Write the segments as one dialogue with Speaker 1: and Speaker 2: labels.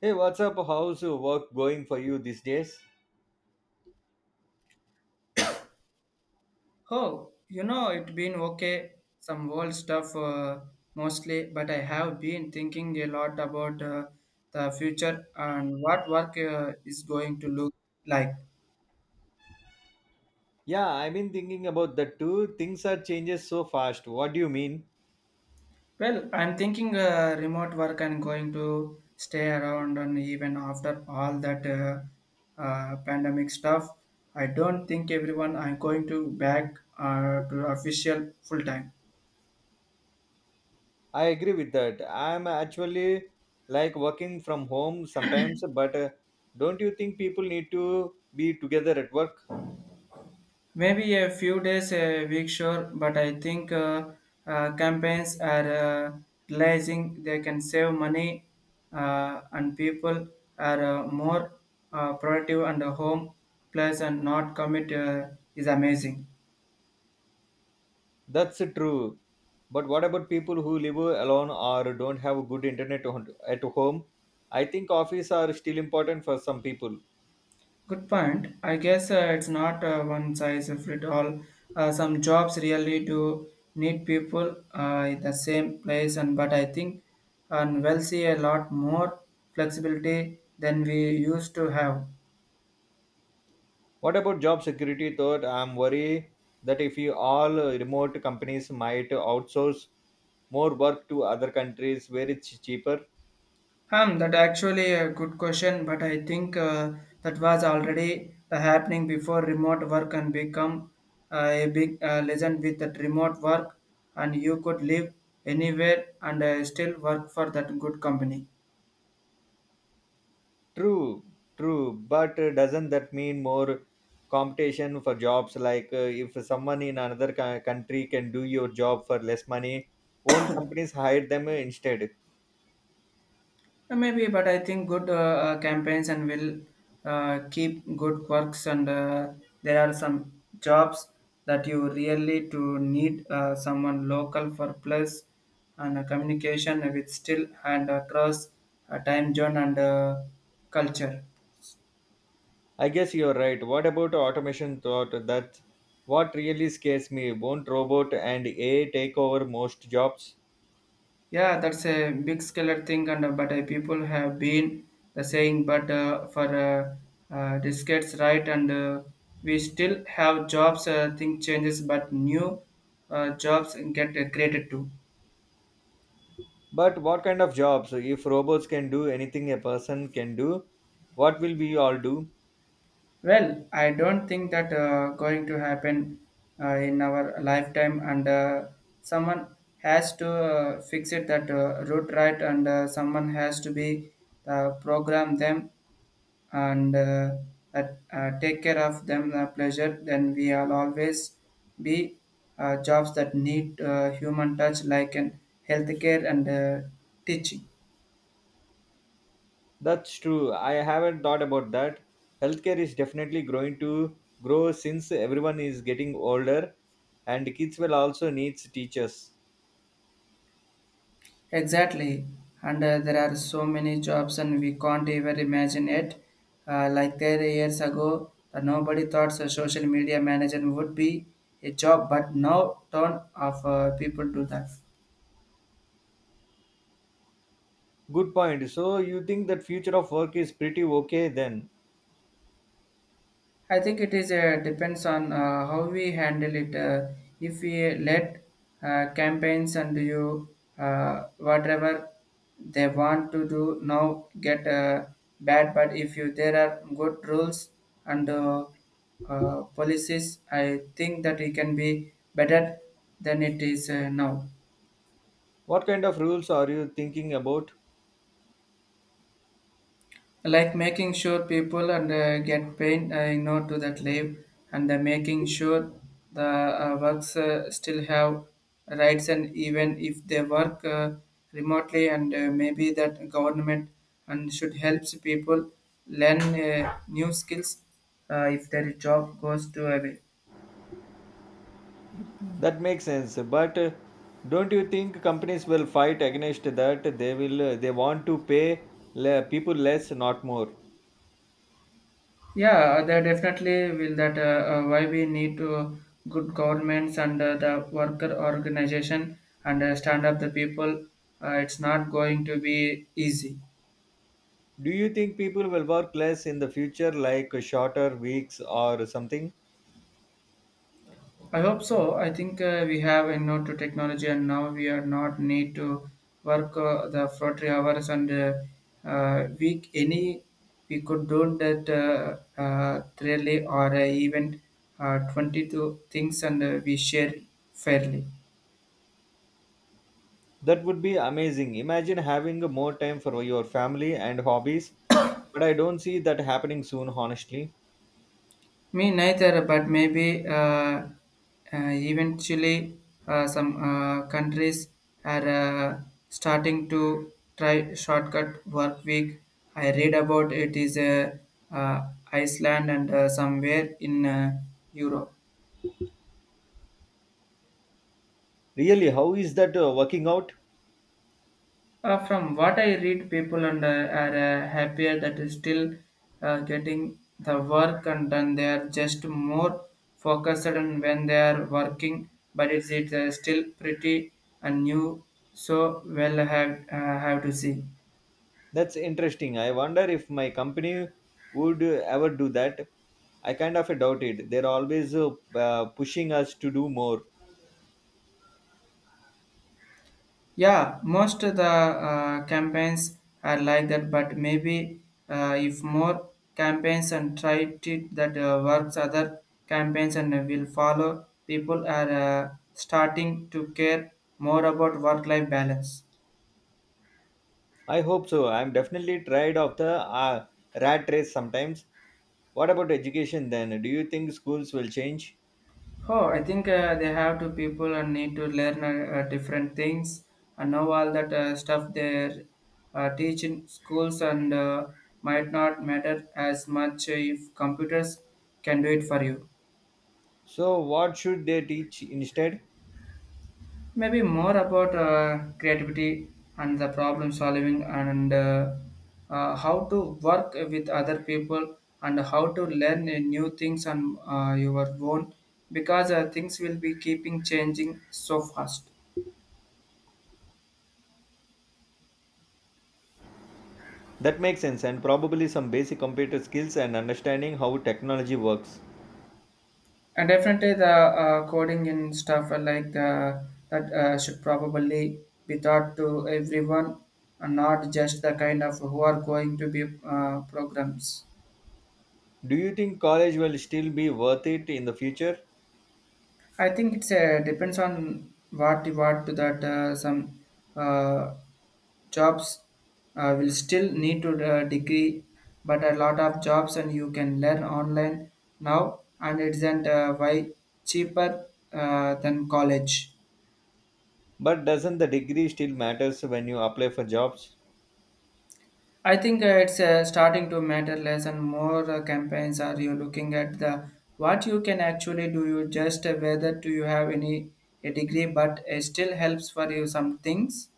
Speaker 1: Hey, what's up? How's your work going for you these days?
Speaker 2: Oh, you know, it been okay, some old stuff mostly, but I have been thinking a lot about the future and what work is going to look like.
Speaker 1: Yeah, I've been thinking about that too. Things are changes so fast. What do you mean?
Speaker 2: Well, I'm thinking remote work and going to stay around, and even after all that pandemic stuff, I don't think everyone I'm going to back to official full time.
Speaker 1: I agree with that. I'm actually like working from home sometimes, but don't you think people need to be together at work?
Speaker 2: Maybe a few days, a week, sure, but I think campaigns are realizing they can save money and people are more productive and home plus and not commit is amazing.
Speaker 1: That's true. But what about people who live alone or don't have good internet at home? I think office are still important for some people.
Speaker 2: Good point. I guess it's not one size fit all. Some jobs really do need people in the same place, and but I think and we'll see a lot more flexibility than we used to have.
Speaker 1: What about job security? Thought I'm worried that if you all remote companies might outsource more work to other countries where it's cheaper.
Speaker 2: That actually a good question, but I think that was already happening before remote work and become a big legend with that remote work, and you could live anywhere and still work for that good company.
Speaker 1: True, true, but doesn't that mean more competition for jobs? Like if someone in another country can do your job for less money, won't companies hire them instead?
Speaker 2: Maybe, but I think good campaigns and will keep good works. And there are some jobs that you really to need someone local for plus and communication with still and across time zone and culture.
Speaker 1: I guess you're right. What about automation thought? That's what really scares me. Won't robot and AI take over most jobs?
Speaker 2: Yeah, that's a big scalar thing, and but people have been the saying, but for decades, right? And we still have jobs. Thing changes, but new jobs get created too.
Speaker 1: But what kind of jobs? If robots can do anything a person can do, what will we all do?
Speaker 2: Well, I don't think that going to happen in our lifetime, and someone has to fix it that root right, and someone has to be program them and that take care of them pleasure then we will always be jobs that need human touch like in healthcare and teaching
Speaker 1: That's true. I haven't thought about that. Healthcare is definitely going to grow since everyone is getting older and kids will also need teachers.
Speaker 2: exactly and there are so many jobs and we can't even imagine it like there years ago that nobody thought a social media manager would be a job but now ton of people do that.
Speaker 1: Good point. So you think that future of work is pretty okay then?
Speaker 2: I think it is depends on how we handle it. If we let campaigns and you whatever they want to do now get bad, but if you there are good rules and policies, I think that it can be better than it is now.
Speaker 1: What kind of rules are you thinking about?
Speaker 2: Like making sure people and get paid to that leave and making sure the works still have rights and even if they work remotely and maybe that government and should helps people learn new skills if their job goes to away.
Speaker 1: That makes sense, but don't you think companies will fight against that? They will they want to pay people less, not more.
Speaker 2: Yeah, there definitely will that why we need to good governments and the worker organization and stand up the people. It's not going to be easy.
Speaker 1: Do you think people will work less in the future, like shorter weeks or something?
Speaker 2: I hope so. I think we have you know to technology and now we are not need to work the 40 hours and week any we could do that really or even 22 things and we share fairly.
Speaker 1: That would be amazing. Imagine having more time for your family and hobbies. But I don't see that happening soon, honestly.
Speaker 2: Me neither, but maybe eventually some countries are starting to try shortcut work week. I read about it is Iceland and somewhere in Europe.
Speaker 1: Really, how is that working out?
Speaker 2: From what I read, people and are happier that is still getting the work and then they are just more focused on when they are working. But it's still pretty and new, so well have to see.
Speaker 1: That's interesting. I wonder if my company would ever do that. I kind of doubt it. They're always pushing us to do more.
Speaker 2: Yeah, most of the campaigns are like that, but maybe if more campaigns and try to that works, other campaigns and will follow. People are starting to care more about work-life balance.
Speaker 1: I hope so. I'm definitely tired of the rat race sometimes. What about education then? Do you think schools will change?
Speaker 2: Oh, I think they have to people and need to learn different things and know all that stuff they're teach in schools and might not matter as much if computers can do it for you.
Speaker 1: So, what should they teach instead?
Speaker 2: Maybe more about creativity and the problem solving and how to work with other people and how to learn new things on your own because things will be keeping changing so fast.
Speaker 1: That makes sense, and probably some basic computer skills and understanding how technology works.
Speaker 2: And definitely the coding and stuff are like that should probably be taught to everyone and not just the kind of who are going to be programs.
Speaker 1: Do you think college will still be worth it in the future?
Speaker 2: I think it's depends on what you want to that some uh, jobs will still need to degree, but a lot of jobs and you can learn online now, and it isn't why cheaper than college.
Speaker 1: But doesn't the degree still matters when you apply for jobs?
Speaker 2: I think it's starting to matter less and more campaigns are you looking at the what you can actually do you just whether do you have any a degree but it still helps for you some things.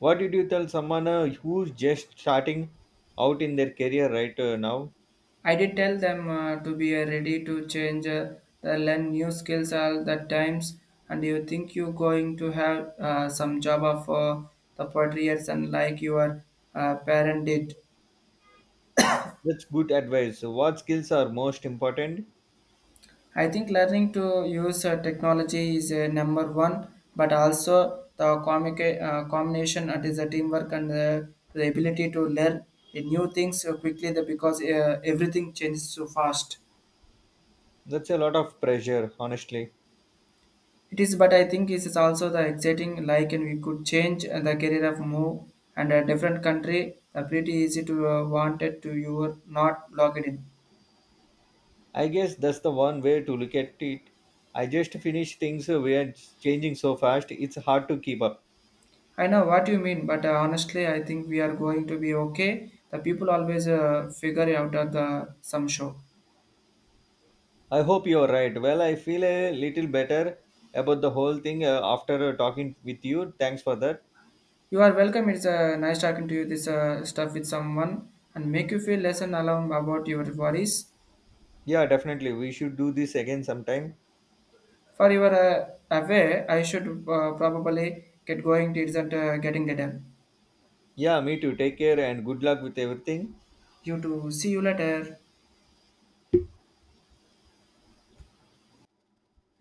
Speaker 1: What did you tell someone who's just starting out in their career right now?
Speaker 2: I did tell them to be ready to change, the learn new skills all the times, and you think you're going to have some job of the 40 years and like your parent did.
Speaker 1: That's good advice. What skills are most important?
Speaker 2: I think learning to use technology is number one, but also the combination that is a teamwork and the ability to learn new things quickly the, because everything changes so fast.
Speaker 1: That's a lot of pressure, honestly.
Speaker 2: It is, but I think it is also the exciting. Like, and we could change the career of move and a different country. Pretty easy to wanted to you are not logged in.
Speaker 1: I guess that's the one way to look at it. I just finished things we are changing so fast, it's hard to keep up.
Speaker 2: I know what you mean, but honestly, I think we are going to be okay. The people always figure it out at the some show.
Speaker 1: I hope you're right. Well, I feel a little better about the whole thing after talking with you. Thanks for that.
Speaker 2: You are welcome. It's nice talking to you. This stuff with someone and make you feel less and alone about your worries.
Speaker 1: Yeah, definitely. We should do this again sometime.
Speaker 2: For your away, I should probably get going. It isn't getting later.
Speaker 1: Yeah, me too. Take care and good luck with everything.
Speaker 2: You too. See you later.